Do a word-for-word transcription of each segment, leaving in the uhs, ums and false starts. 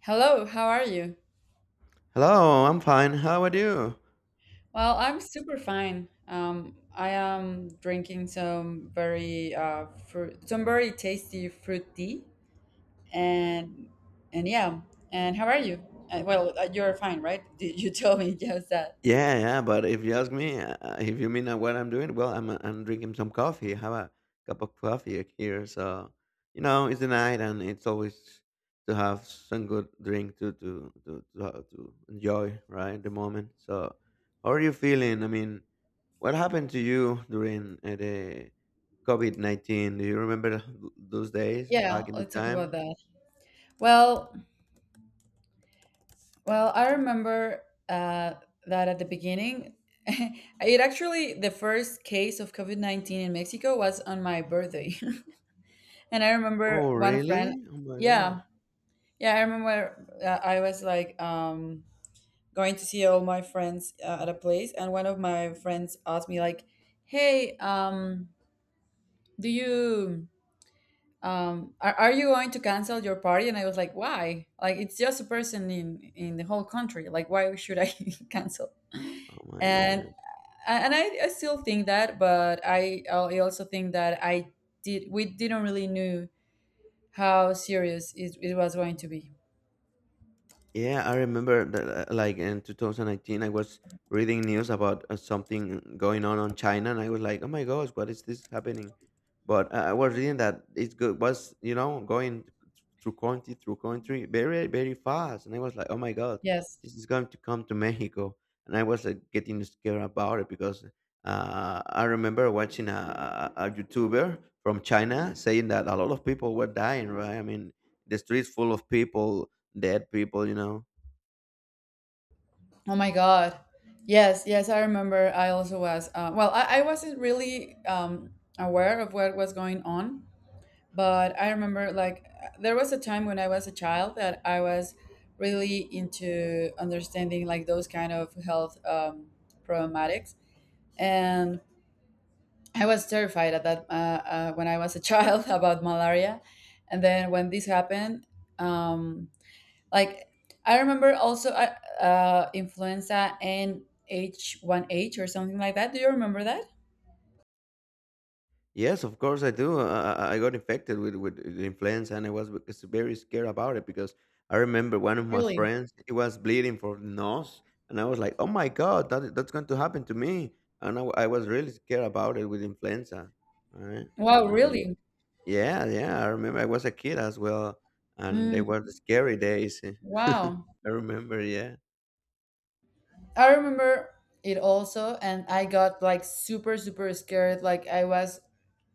Hello, how are you? Hello, I'm fine. How are you? Well, I'm super fine. Um, I am drinking some very uh, fruit, some very tasty fruit tea, and and yeah. And how are you? Uh, well, uh, you're fine, right? Did you tell me just that? Yeah, yeah, but if you ask me, uh, if you mean uh, what I'm doing, well, I'm, uh, I'm drinking some coffee. Have a cup of coffee here. So, you know, it's the night and it's always to have some good drink to, to, to, to, uh, to enjoy, right? The moment. So, how are you feeling? I mean, what happened to you during uh, the COVID nineteen? Do you remember those days Yeah, back in the let's talk about time? that. Well, well, I remember uh, that at the beginning, it, actually, the first case of COVID nineteen in Mexico was on my birthday, and I remember Oh, one friend. really? Oh my gosh. Yeah, Yeah, I remember, uh, I was like, um, going to see all my friends uh, at a place, and one of my friends asked me like, "Hey, um, do you um, are, are you going to cancel your party?" And I was like, "Why? Like, it's just a person in in the whole country. Like, why should I cancel?" Oh my, And yeah. and I, I still think that, but I I also think that I did we didn't really knew how serious it, it was going to be. Yeah, I remember that, uh, like in two thousand nineteen, I was reading news about uh, something going on on China, and I was like, "Oh my gosh, what is this happening?" But uh, I was reading that it go- was, you know, going through country through country very very fast, and I was like, "Oh my god, Yes. this is going to come to Mexico," and I was like getting scared about it because uh, I remember watching a, a a YouTuber from China saying that a lot of people were dying. Right? I mean, the streets full of people dead people, you know. Oh my God. Yes, yes, I remember. I also was. Uh, well, I, I wasn't really um, aware of what was going on, but I remember, like, there was a time when I was a child that I was really into understanding like those kind of health, um, problematics. And I was terrified at that uh, uh, when I was a child, about malaria. And then when this happened, um, like, I remember also, uh, uh, influenza and H one H or something like that. Do you remember that? Yes, of course I do. I, I I got infected with with the influenza, and I was bec- very scared about it because I remember one of my Really? friends he was bleeding from the nose, and I was like, "Oh my god, that that's going to happen to me!" And I I was really scared about it with influenza. Right? Wow, Uh, really? yeah, yeah. I remember I was a kid as well, and they Mm, were the scary days. wow. I remember. Yeah, I remember it also, and I got like super, super scared. Like, I was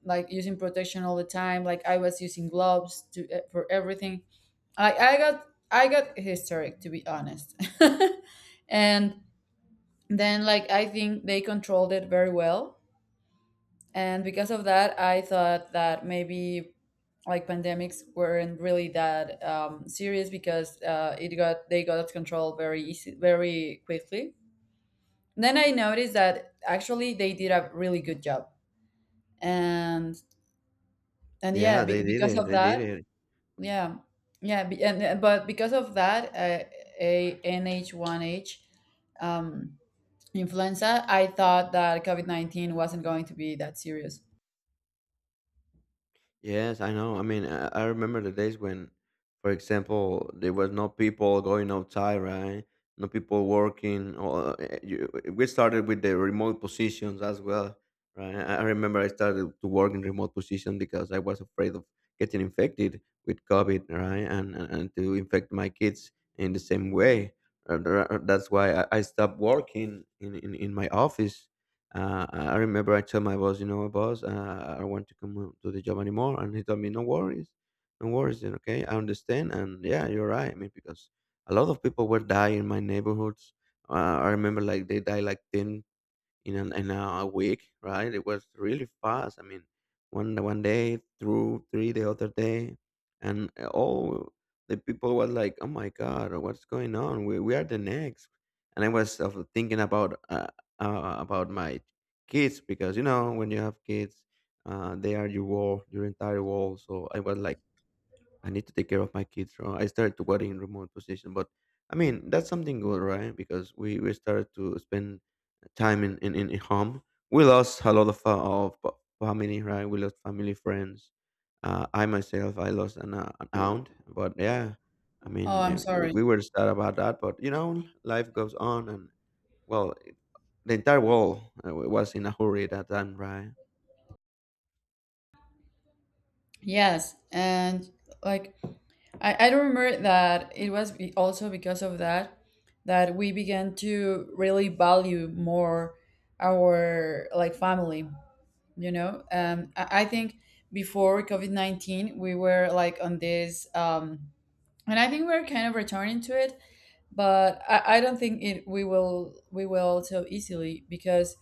like using protection all the time. Like, I was using gloves to eh, for everything. I I got I got hysteric, to be honest, and then, like, I think they controlled it very well, and because of that I thought that maybe, like, pandemics weren't really that um, serious because, uh, it got they got out of control very easy, very quickly. Then I noticed that actually they did a really good job. And and yeah, yeah. be, They did because it. of They did that, it. yeah, yeah, be, and but because of that, uh, a N H one h, um, influenza, I thought that COVID nineteen wasn't going to be that serious. Yes, I know. I mean, I, I remember the days when, for example, there was no people going outside, right? No people working. Or eh, you, eh, we started with the remote positions as well, right? I I remember I started to work in remote position because I was afraid of getting infected with COVID, right? And and, and to infect my kids in the same way. Uh, there are- That's why I I stopped working in, in, in my office. uh, I remember I told my boss, you know, boss, uh, I don't want to come on to the job anymore, and he told me, no worries, no worries, then okay, I understand, and yeah, you're right. I mean, because a lot of people were dying in my neighborhoods. Uh, I remember like they died like ten, in an, in a week, right? It was really fast. I mean, one one day through three the other day, and eh, all the people were like, "Oh my God, what's going on? We we are the next." And I was uh, thinking about uh, uh, about my kids because you know when you have kids, uh, they are your world, your entire world. So I was like I need to take care of my kids. So I started to work in remote position, but I mean that's something good, right? Because we we started to spend time in in, in in home. We lost a lot of uh, of fa- family, right? We lost family, friends. Uh, I myself, I lost an, uh, an aunt, but yeah, I Oh, mean I'm eh, we, sorry. we were sad about that, but you know life goes on, and well, the entire world uh, was in a hurry at that time, right? Yes. And, like, I, I remember that it was be- also because of that, that we began to really value more our, like, family, you know? Um, I, I think before COVID nineteen, we were like on this, um, and I think we're kind of returning to it, but I, I don't think it we will we will so easily, because,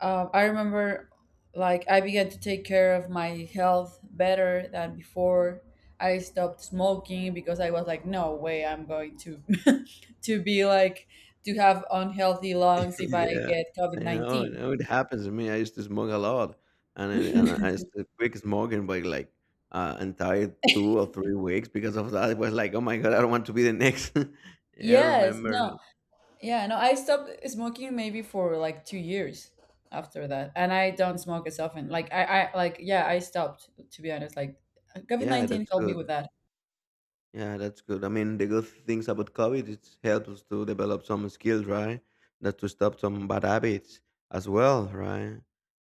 um, I remember, like, I began to take care of my health better than before. I stopped smoking because I was like, "No way, I'm going to to be like to have unhealthy lungs if I Yeah, get COVID I know, I nineteen." know, it happens to me. I used to smoke a lot, and then and I used to quit smoking by like uh, entire two or three weeks because of that. It was like, "Oh my god, I don't want to be the next." Yeah, I Yes, remember. no. Yeah, no, I stopped smoking maybe for like two years after that, and I don't smoke as often. Like, I, I like, yeah, I stopped, to be honest. Like, COVID Yeah, nineteen that's helped me good. with that. Yeah, that's good. I mean, the good things about COVID, it helps us to develop some skills, right? That to stop some bad habits as well, right?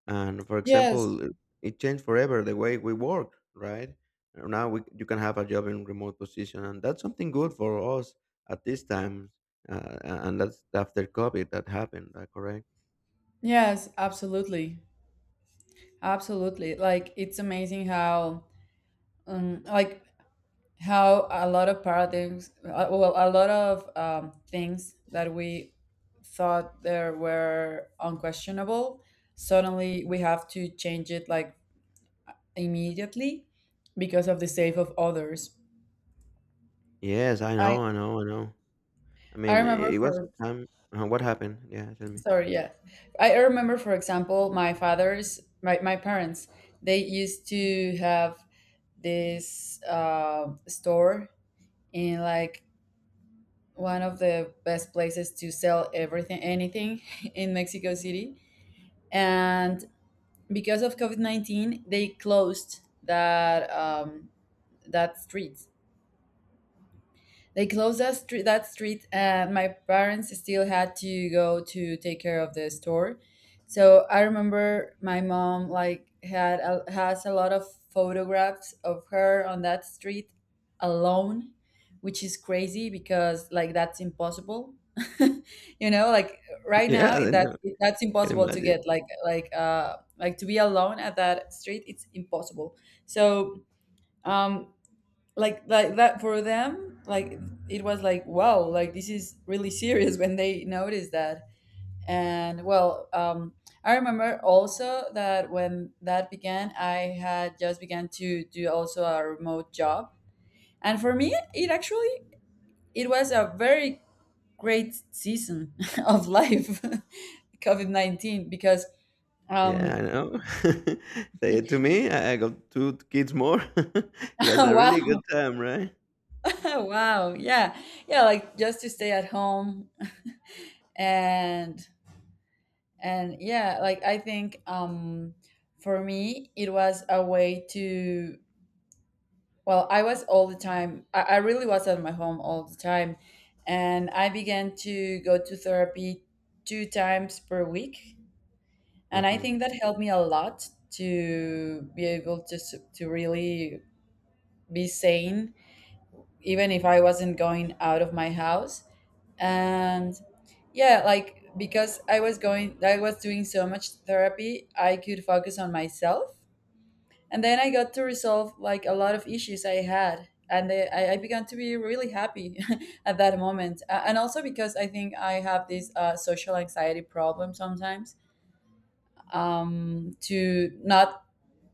And for Yes, example, it it changed forever the way we work, right? Uh, Now we, you can have a job in remote position, and that's something good for us at this time. Uh, a- and that's after COVID that happened, uh, correct? yes, absolutely, absolutely. Like, it's amazing how, um, like, how a lot of paradigms, uh, well, a lot of, um, things that we thought there were unquestionable. Suddenly, we have to change it, like, immediately because of the sake of others. Yes, I I know, I know, I know. I I mean, remember it was the for time. Uh, what happened? Yeah, tell me. sorry, yeah. I remember, for example, my father's my, my parents, they used to have this uh, store in, like, one of the best places to sell everything anything in Mexico City. And because of COVID nineteen, they closed that um, that street. They closed that street, that street, and my parents still had to go to take care of the store. So I remember my mom, like, had a, has a lot of photographs of her on that street alone, which is crazy because, like, that's impossible. You know, like, right Yeah, now it- I that know. that's Can impossible to imagine. get, like, like uh like to be alone at that street. It's impossible. So, um like like that for them, like, it was like, "Wow, like, this is really serious," when they noticed that. And, well, um I remember also that when that began, I had just began to do also a remote job. And for me, it actually it was a very great season of life, covid nineteen, because, Yeah, I um know. Say it to me. I I got two kids more. It was a really good wow. time, right? Wow, yeah, yeah, like, just to stay at home. And and yeah, like, I think, um for me it was a way to, well, I was all the time, i, I really was at my home all the time. And I began to go to therapy two times per week, and I Hmm, think that helped me a lot to be able to s- to really be sane, even if I wasn't going out of my house. And yeah, like, because I was going, I was doing so much therapy, I could focus on myself. And then I got to resolve like a lot of issues I had. And they, I, I began to be really happy at that moment. Uh, and also because I think I have this uh, social anxiety problem sometimes, um, to not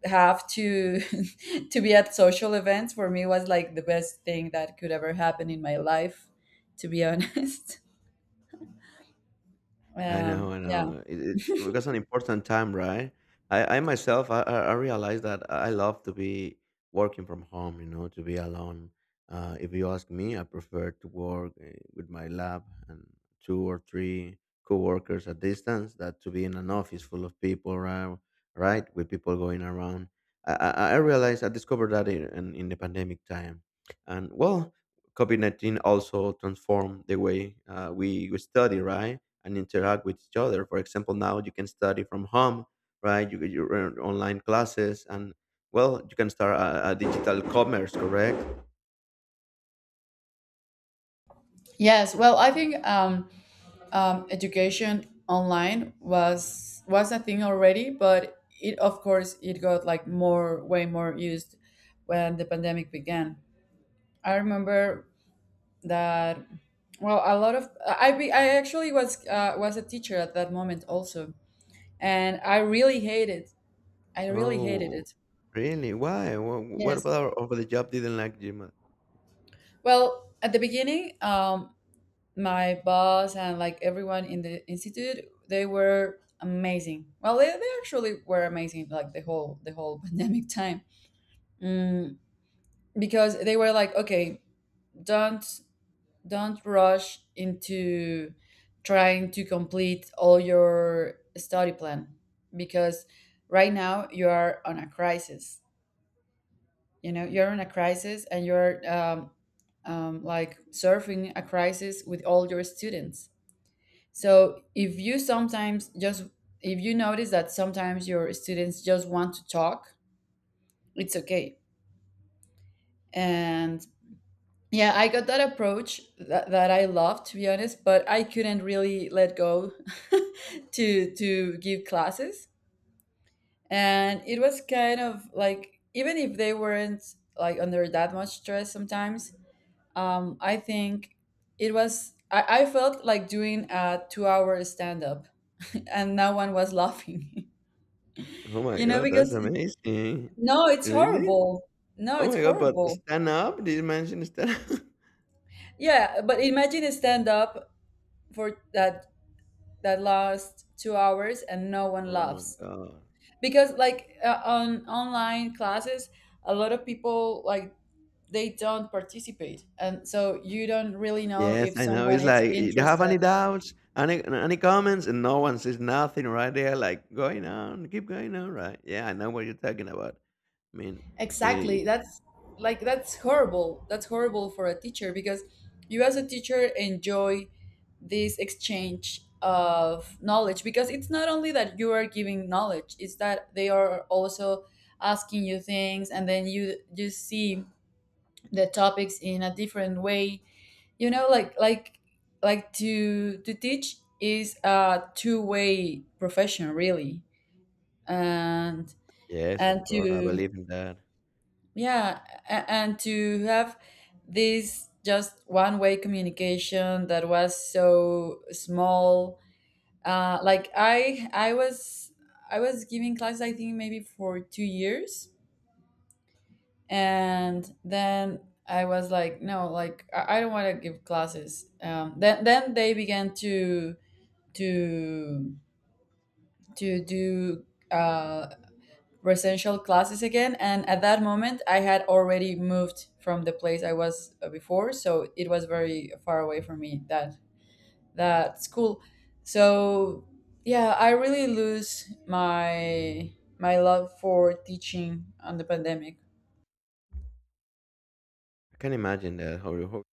have to to be at social events, for me, was like the best thing that could ever happen in my life, to be honest. I know, um I yeah. know. It, it's it was an important time, right? I, I myself, I, I I realized that I love to be working from home, you know, to be alone. Uh, if you ask me, I prefer to work uh, with my lab and two or three coworkers at distance that to be in an office full of people, right? Right, with people going around. I, I, I realized, I discovered that in, in in the pandemic time, and well, COVID nineteen also transformed the way uh, we we study, right? And interact with each other. For example, now you can study from home, right? You get your own online classes, and well, you can start a, a digital commerce, correct? Yes, well, I think, um, um, education online was was a thing already, but, it of course, it got like, more way more used, when the pandemic began. I remember that. Well, a lot of I I be- I actually was uh, was a teacher at that moment also, and I really hated I really hated Oh, it. really? Why? Wha- What Yes. about over the job didn't like Gmail? Well, at the beginning, um, my boss and, like, everyone in the institute, they were amazing. Well, they, they actually were amazing, like, the whole the whole pandemic time, mm, because they were like, "Okay, don't don't rush into trying to complete all your study plan, because right now you are on a crisis, you know you're in a crisis, and you're, um, um, like, surfing a crisis with all your students. So, if you sometimes just if you notice that sometimes your students just want to talk, it's okay." And yeah, I got that approach, that, that I love, to be honest, but I couldn't really let go, to to give classes. And it was kind of like, even if they weren't, like, under that much stress sometimes. Um, I think it was. I, I felt like doing a two-hour stand-up, and no one was laughing. Oh my You know, god, that's because amazing! no, it's Really? horrible. No, Oh it's my god, but horrible. stand up? Did you mention stand up? Yeah, but imagine a stand-up for that that lasts two hours and no one Oh my laughs god. because, like, uh, on online classes, a lot of people, like, they don't participate, and so you don't really know Yes, if I know. someone It's is like, do you have interested. any doubts, any any comments? And no one says nothing right there, like going on, keep going on, right? Yeah, I know what you're talking about. I mean, Exactly. it, That's Like, that's horrible. That's horrible for a teacher because you, as a teacher, enjoy this exchange of knowledge, because it's not only that you are giving knowledge, it's that they are also asking you things, and then you you see the topics in a different way. You know, like, like like to to teach is a two-way profession, really. And yes, and of course, I to believe in that. yeah, a- and to have this just one way communication that was so small. Uh, like, I, I was, I was giving class. I think maybe for two years, and then I was like, "No, like, I, I don't want to give classes." Um, then then they began to to to do. Uh, residential classes again, and at that moment I had already moved from the place I was, uh, before, so it was very far away from me, that that school. So, yeah, I really lose my my love for teaching on the pandemic. I can imagine that how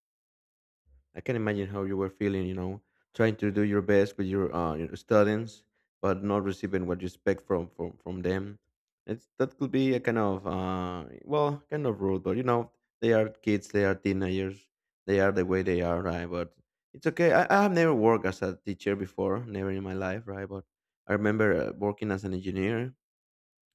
I can imagine how you were feeling, you know, trying to do your best with your uh your students, but not receiving what you expect from from from them. It's that could be a kind of uh well, kind of rude, but you know, they are kids, they are teenagers, they are the way they are, right? But it's okay. I, I have never worked as a teacher before, never in my life, right? But I remember uh, working as an engineer,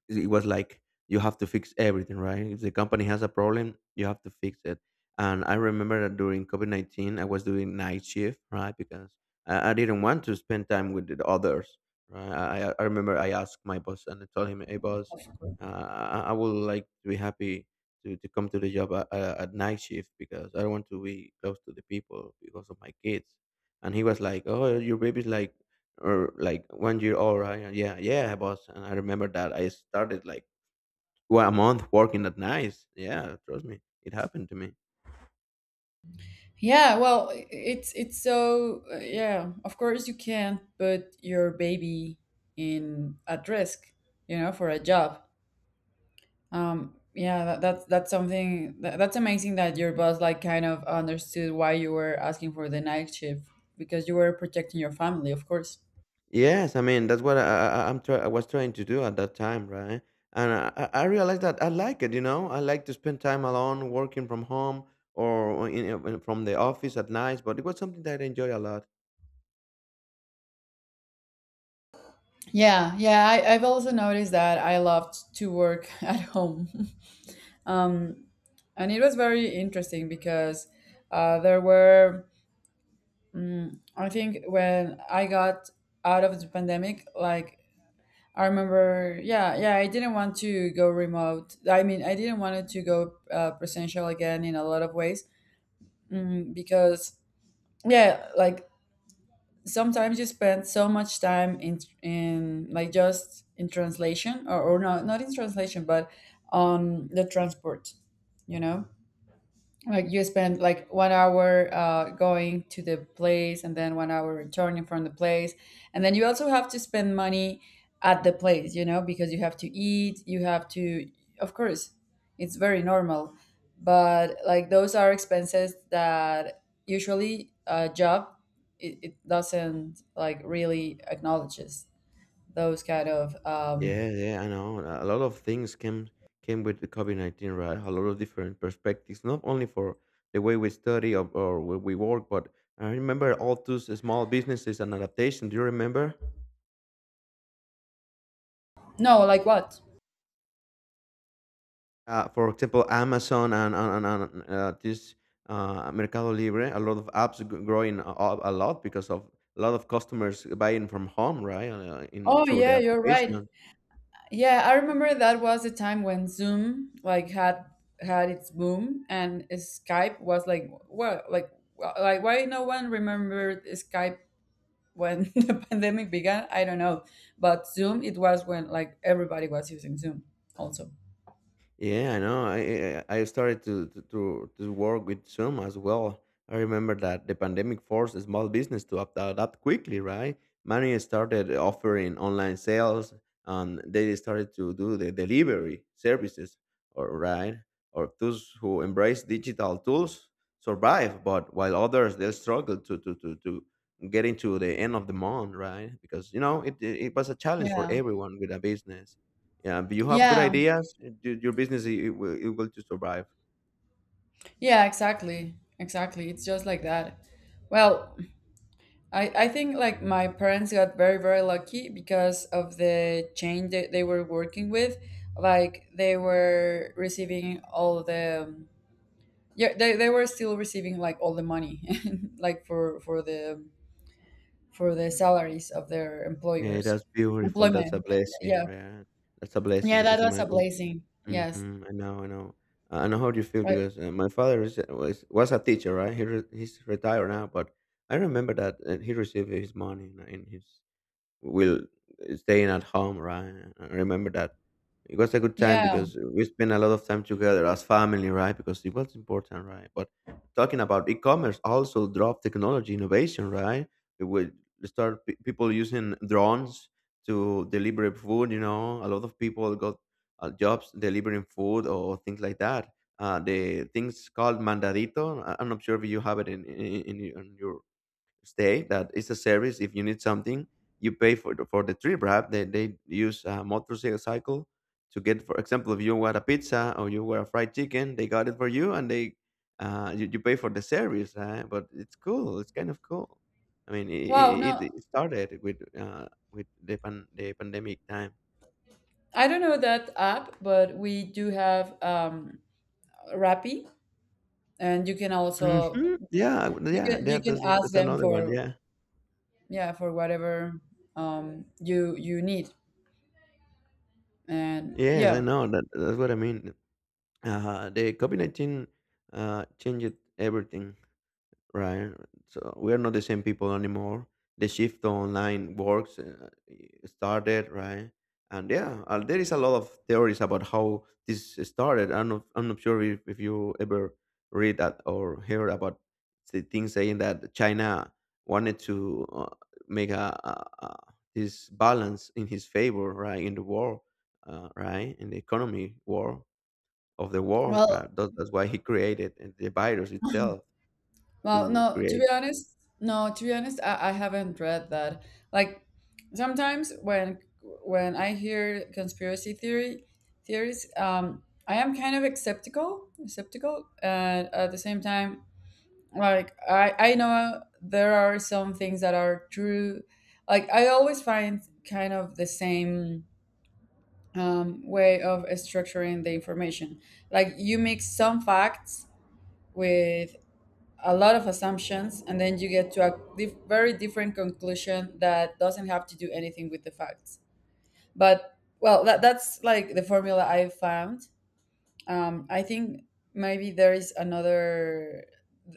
it was like you have to fix everything, right? If the company has a problem, you have to fix it. And I remember that during COVID nineteen, I was doing night shift, right? Because I, I didn't want to spend time with the others, right? I, I I remember I asked my boss and I told him, "Hey, boss, uh, I, I would like to be happy to, to come to the job at, uh, at night shift because I don't want to be close to the people because of my kids." And he was like, "Oh, your baby's like or like one year old, right? Yeah, yeah, boss." And I remember that I started like well, a month working at nights. Yeah, trust me, it happened to me. Yeah, well, i- it's it's so, uh, yeah, of course, you can't put your baby in at risk, you know, for a job. Um, yeah, that, that's that's something that, that's amazing that your boss, like, kind of understood why you were asking for the night shift, because you were protecting your family, of course. Yes, I mean that's what I, I, I- I'm try- I was trying to do at that time, right? And I, I I realized that I like it. You know, I like to spend time alone, working from home or in, in- from the office at nights. But it was something that I enjoy a lot. Yeah, yeah, I, I've also noticed that I loved to work at home. Um, and it was very interesting because, uh, there were, I think, when I got out of the pandemic, like, I remember, yeah, yeah, I didn't want to go remote. I mean, I didn't want it to go, uh, presential again, in a lot of ways. Mm, because, yeah, like, sometimes you spend so much time in in like, just in translation, or, or not not in translation, but on the transport, you know? Like, you spend like one hour, uh, going to the place and then one hour returning from the place. And then you also have to spend money at the place, you know, because you have to eat, you have to, of course, it's very normal. But like those are expenses that usually a job, it, it doesn't like really acknowledges those kind of, um, Yeah, yeah, I know. A lot of things came came with the COVID nineteen, right? A lot of different perspectives, not only for the way we study or, or where we work, but I remember all those small businesses and adaptation. Do you remember? no, like what? Uh, for example, Amazon and and, and, and uh, this uh, Mercado Libre, a lot of apps g- growing a, a a lot because of a lot of customers buying from home, right? Uh, in Oh through the yeah, you're right. application. Yeah, I remember that was the time when Zoom like had had its boom and Skype was like well like well, like why no one remembered Skype when the pandemic began? I don't know. But Zoom it was when like everybody was using Zoom also. Yeah, I know. I I I started to to to to work with Zoom as well. I remember that the pandemic forced the small business to opt out quickly, right? Many started offering online sales, and they started to do the delivery services, or right, or those who embrace digital tools survive, but while others they struggle to to to to get into the end of the month, right? Because you know it it, it was a challenge for Yeah. everyone with a business. Yeah, but you have good Yeah. ideas. y- Your business i- it will it will to survive. Yeah, exactly. Exactly. It's just like that. Well, I, I think like my parents got very very lucky because of the chain that they were working with, like they were receiving all the, yeah, they, they were still receiving like all the money like for for the for the salaries of their Yeah, employers, that's beautiful. That's a employment, blessing, yeah, right? That's a blessing yeah that because was a imagine. blessing, yes. Hmm, I know, I know, I know how you feel I, because uh, my father is, was was a teacher, right? He re, he's retired now, but I remember that uh, he received his money in, in his. We'll staying at home, right? I remember that. It was a good time yeah, because we spent a lot of time together as family, right? Because it was important, right? But talking about e-commerce also drove technology innovation, right? It would start pe- people using drones to deliver food. You know, a lot of people got uh, jobs delivering food or things like that. Uh, the things called mandadito. I- I'm not sure if you have it in in, in, in your stay. That is a service. If you need something you pay for the, for the trip, right? they, they use a motorcycle to get, for example, if you want a pizza or you want a fried chicken, they got it for you. And they uh, you, you pay for the service, right? But it's cool, it's kind of cool. I mean it, wow, no, it, it started with uh, with the, pan, the pandemic time. I don't know that app but we do have, um Rappi, and you can also, Hmm. Yeah, you yeah, can yeah, you can that's, ask that's them another one, for, yeah. yeah, for whatever um you you need, and Yes, I yeah. know that, that's what I mean. Uh, the covid nineteen uh, changed everything, right? So we are not the same people anymore. The shift to online works uh, started, right? And yeah, uh, there is a lot of theories about how this started. I'm not, I'm not sure if, if you ever read that or hear about the things saying that China wanted to uh, make a, a, a this balance in his favor, right, in the war, uh, right, in the economy war of the world. Well, Right? That- That's why he created uh, the virus itself well to no, to be create. honest, no, to be honest, I, I haven't read that. Like sometimes when when I hear conspiracy theory theories, um I am kind of skeptical skeptical and at the same time, like I I know there are some things that are true. Like I always find kind of the same, um, way of structuring the information. Like you mix some facts with a lot of assumptions, and then you get to a dif- very different conclusion that doesn't have to do anything with the facts. But well, that, that's like the formula I found. Um, I think maybe there is another.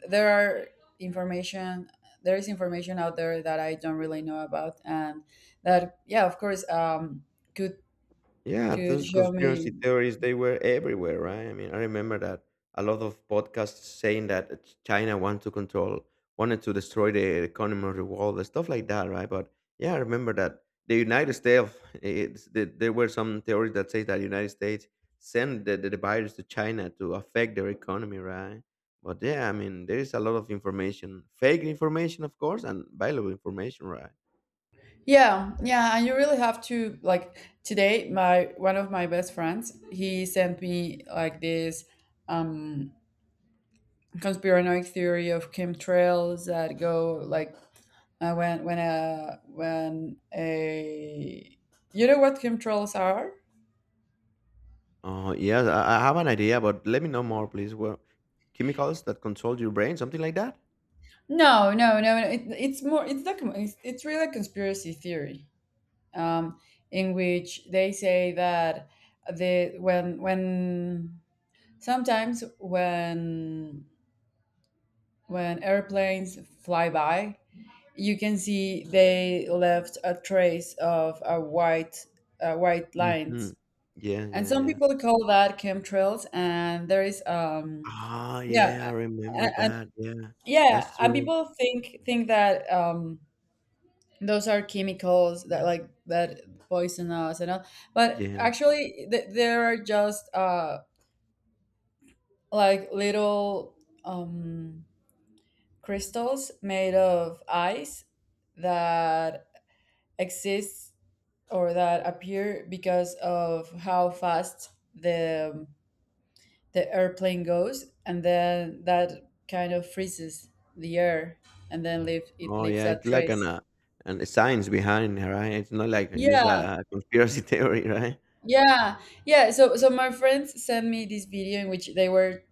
There are information. There is information out there that I don't really know about, and that, yeah, of course, um, could Yeah, could those show me. conspiracy theories, they were everywhere, right? I mean, I remember that a lot of podcasts saying that uh, Ch- China wanted to control, wanted to destroy the economy of the world, and stuff like that, right? But yeah, I remember that the United States, it's, the, there were some theories that say that United States sent the, the, the virus to China to affect their economy, right? But yeah, I mean, there is a lot of information, fake information, of course, and valuable information, right? Yeah, yeah, and you really have to like, today my, one of my best friends, he sent me like this, um conspiranoid theory of chemtrails that go like, uh, when when a when a you know what chemtrails are? Oh, yes, I, I have an idea, but let me know more, please. Well, chemicals that control your brain, something like that? No, no, no, no. It, it's more, it's like, it's, it's really a conspiracy theory, um in which they say that the, when when sometimes when When airplanes fly by, you can see they left a trace of a white, uh, white Hmm. lines. Yeah, And yeah, some yeah. people call that chemtrails. And there is, um, Ah, yeah, I yeah, remember and, and, that. Yeah, yeah, that's and true. people think think that um, those are chemicals that, like, that poison us and all. But Yeah. actually, th- there are just uh, like little. Um, crystals made of ice that exists or that appear because of how fast the the airplane goes, and then that kind of freezes the air, and then leave it, Oh, leaves yeah, that it's like an, trace. uh, an science behind, right? It's not like just Yeah, a, a conspiracy theory, right? yeah, yeah, so so my friends sent me this video in which they were,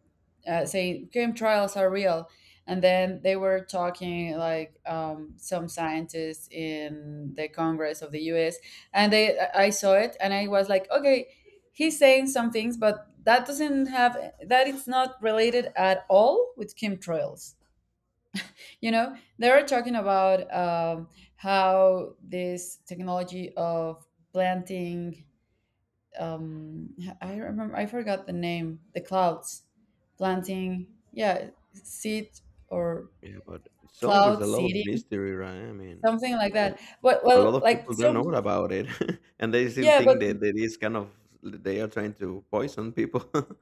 uh, saying game trials are real. And then they were talking like, um, some scientists in the Congress of the U S And they, I I saw it and I was like, okay, he's saying some things, but that doesn't have, that, it's not related at all with chemtrails. You know, they were talking about, um, how this technology of planting, um I remember, I forgot the name, the clouds planting, yeah, seed, or Yeah, but it's song with cloud a lot of seeding, mystery, right? I mean, something like well, that. But a lot well, of like people don't know some, about it, and they still yeah, but think that that is kind of they are trying to poison people.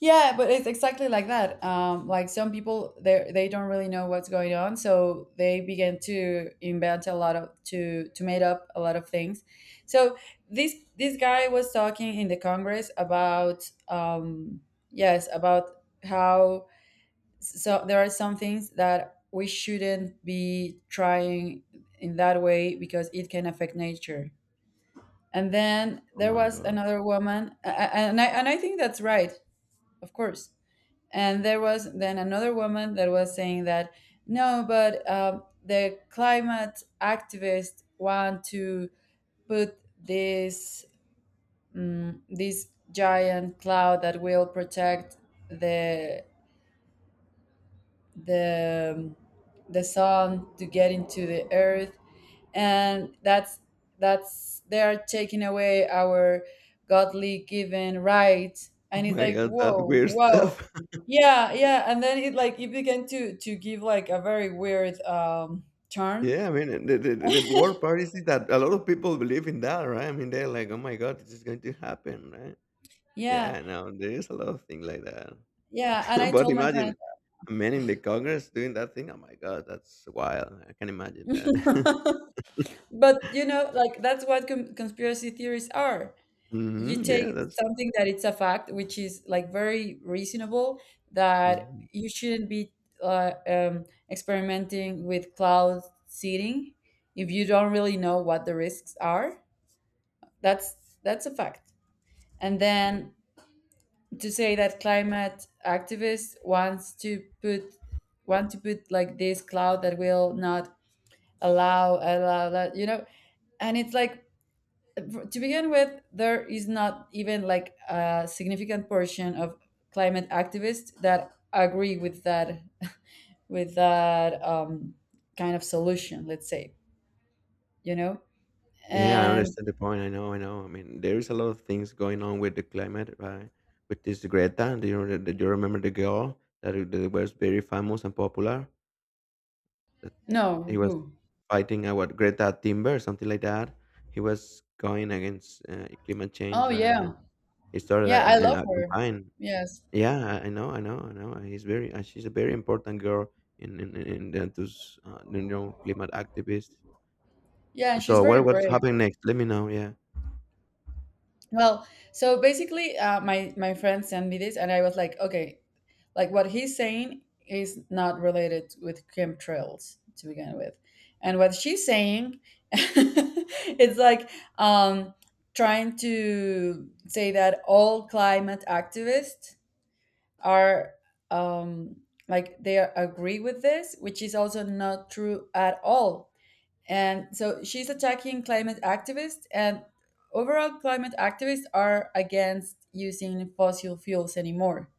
yeah, but it's exactly like that. um like some people, they they don't really know what's going on, so they begin to invent a lot of, to to make up a lot of things. So this this guy was talking in the congress about, um yes, about how, so there are some things that we shouldn't be trying in that way because it can affect nature. And then Oh there my was god. another woman, a- a- and I, and I think that's right, of course. And there was then another woman that was saying that no, but um, the climate activists want to put this, mm this giant cloud that will protect the the the sun to get into the earth. And that's that's they are taking away our godly given right, Oh and it's my like, god, that whoa, weird whoa. stuff. Yeah, yeah, and then it like it began to to give like a very weird um turn. Yeah, I mean, and the, the, the worst part is that a lot of people believe in that, right? I mean, they're like, oh my god, this is going to happen, right? Yeah, Yeah, I know. There is a lot of things like that. yeah, and I But told my friends, imagine a man in the Congress doing that thing. Oh my god, that's wild. I can imagine that. but you know, like that's what con- conspiracy theories are. You Hmm, yeah, take that's. something that it's a fact, which is like very reasonable, that Mhm. you shouldn't be uh, um, experimenting with cloud seeding if you don't really know what the risks are. That's that's a fact. And then to say that climate activists wants to put, want to put like this cloud that will not allow allow that, you know. And it's like, to begin with, there is not even like a significant portion of climate activists that agree with that, with that um, kind of solution. Let's say, you know, Yeah, I and, understand the point. I know, I know. I mean, there is a lot of things going on with the climate, right? With this Greta, do you, re- do you remember the girl that, i- that was very famous and popular? He no, was who? fighting uh, what, Greta Thunberg, something like that. He was going against uh, climate change, Oh right? And yeah, he started yeah, like I love a, a her. campaign. Yes, Yeah, I I know, I know, I know. He's very, uh, she's a very important girl in in in, in the- those uh, you know, climate activists. yeah, and she's So very what what's brave. happening next? Let me know. Yeah. Well, so basically, uh, my, my friend sent me this, and I was like, okay, like what he's saying is not related with chemtrails to begin with, and what she's saying, it's like, um, trying to say that all climate activists are, um, like they are, agree with this, which is also not true at all. And so she's attacking climate activists, and overall, climate activists are against using fossil fuels anymore.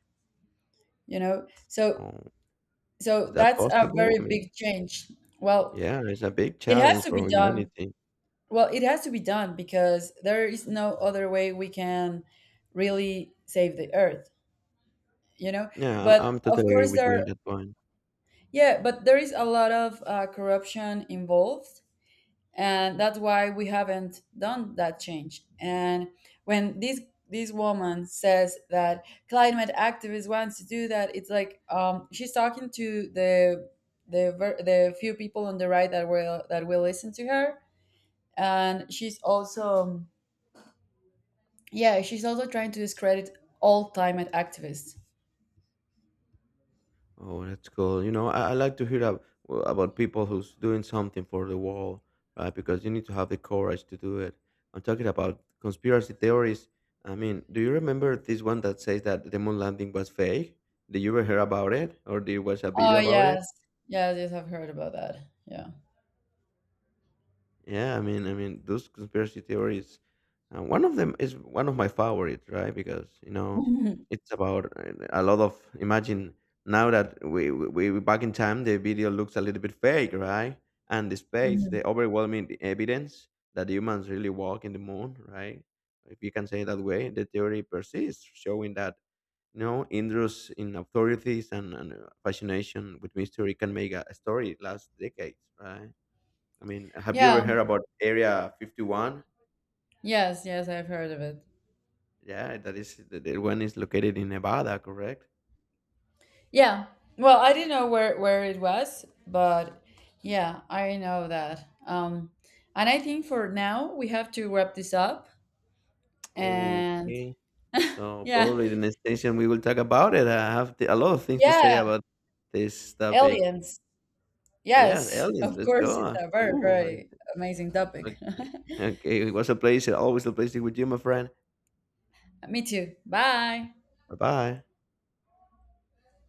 You know, so, Oh, so is that that's a possible? very I mean, big change. Well, yeah, it's a big it has challenge to be for done. humanity. Well, it has to be done because there is no other way we can really save the earth. You know, Yeah, I'm but I'm of totally agree course with you on there, that point. yeah, but there is a lot of uh, corruption involved, and that's why we haven't done that change. And when this this woman says that climate activists wants to do that, it's like, um, she's talking to the, the ver- the few people on the right that will, that will listen to her. And she's also, yeah, she's also trying to discredit all climate activists. Oh, that's cool. You know, I, I like to hear ab- w- about people who's doing something for the world, right? Because you need to have the courage to do it. I'm talking about conspiracy theories. I mean, do you remember this one that says that the moon landing was fake? Did you ever hear about it, or did you watch a Oh video about it? yes, yes, yes, I've heard about that, yeah. Yeah, I mean, I mean, those conspiracy theories. Uh, one of them is one of my favorites, right? Because you know, it's about uh, a lot of. Imagine now that we we we back in time, the video looks a little bit fake, right? And the space, Mhm. the overwhelming e, evidence that humans really walk in the moon, right? If you can say it that way, the theory persists, showing that you know interest in authorities and, and uh, fascination with mystery can make a a story last decades, right? I mean, have you Yeah, ever heard about Area fifty-one? yes, yes, I've heard of it. Yeah, that is the, the one is located in Nevada, correct? Yeah. Well, I didn't know where where it was, but yeah, I know that. Um, and I think for now we have to wrap this up. And Okay. So yeah, probably the next station we will talk about it. I have the, a lot of things to say yeah, about this topic. aliens. Yeah, Yes, aliens. of Let's course, it's go. a very Ooh, very amazing topic. okay. Okay, it was a pleasure. Always a pleasure with you, my friend. Me too. Bye. Bye bye.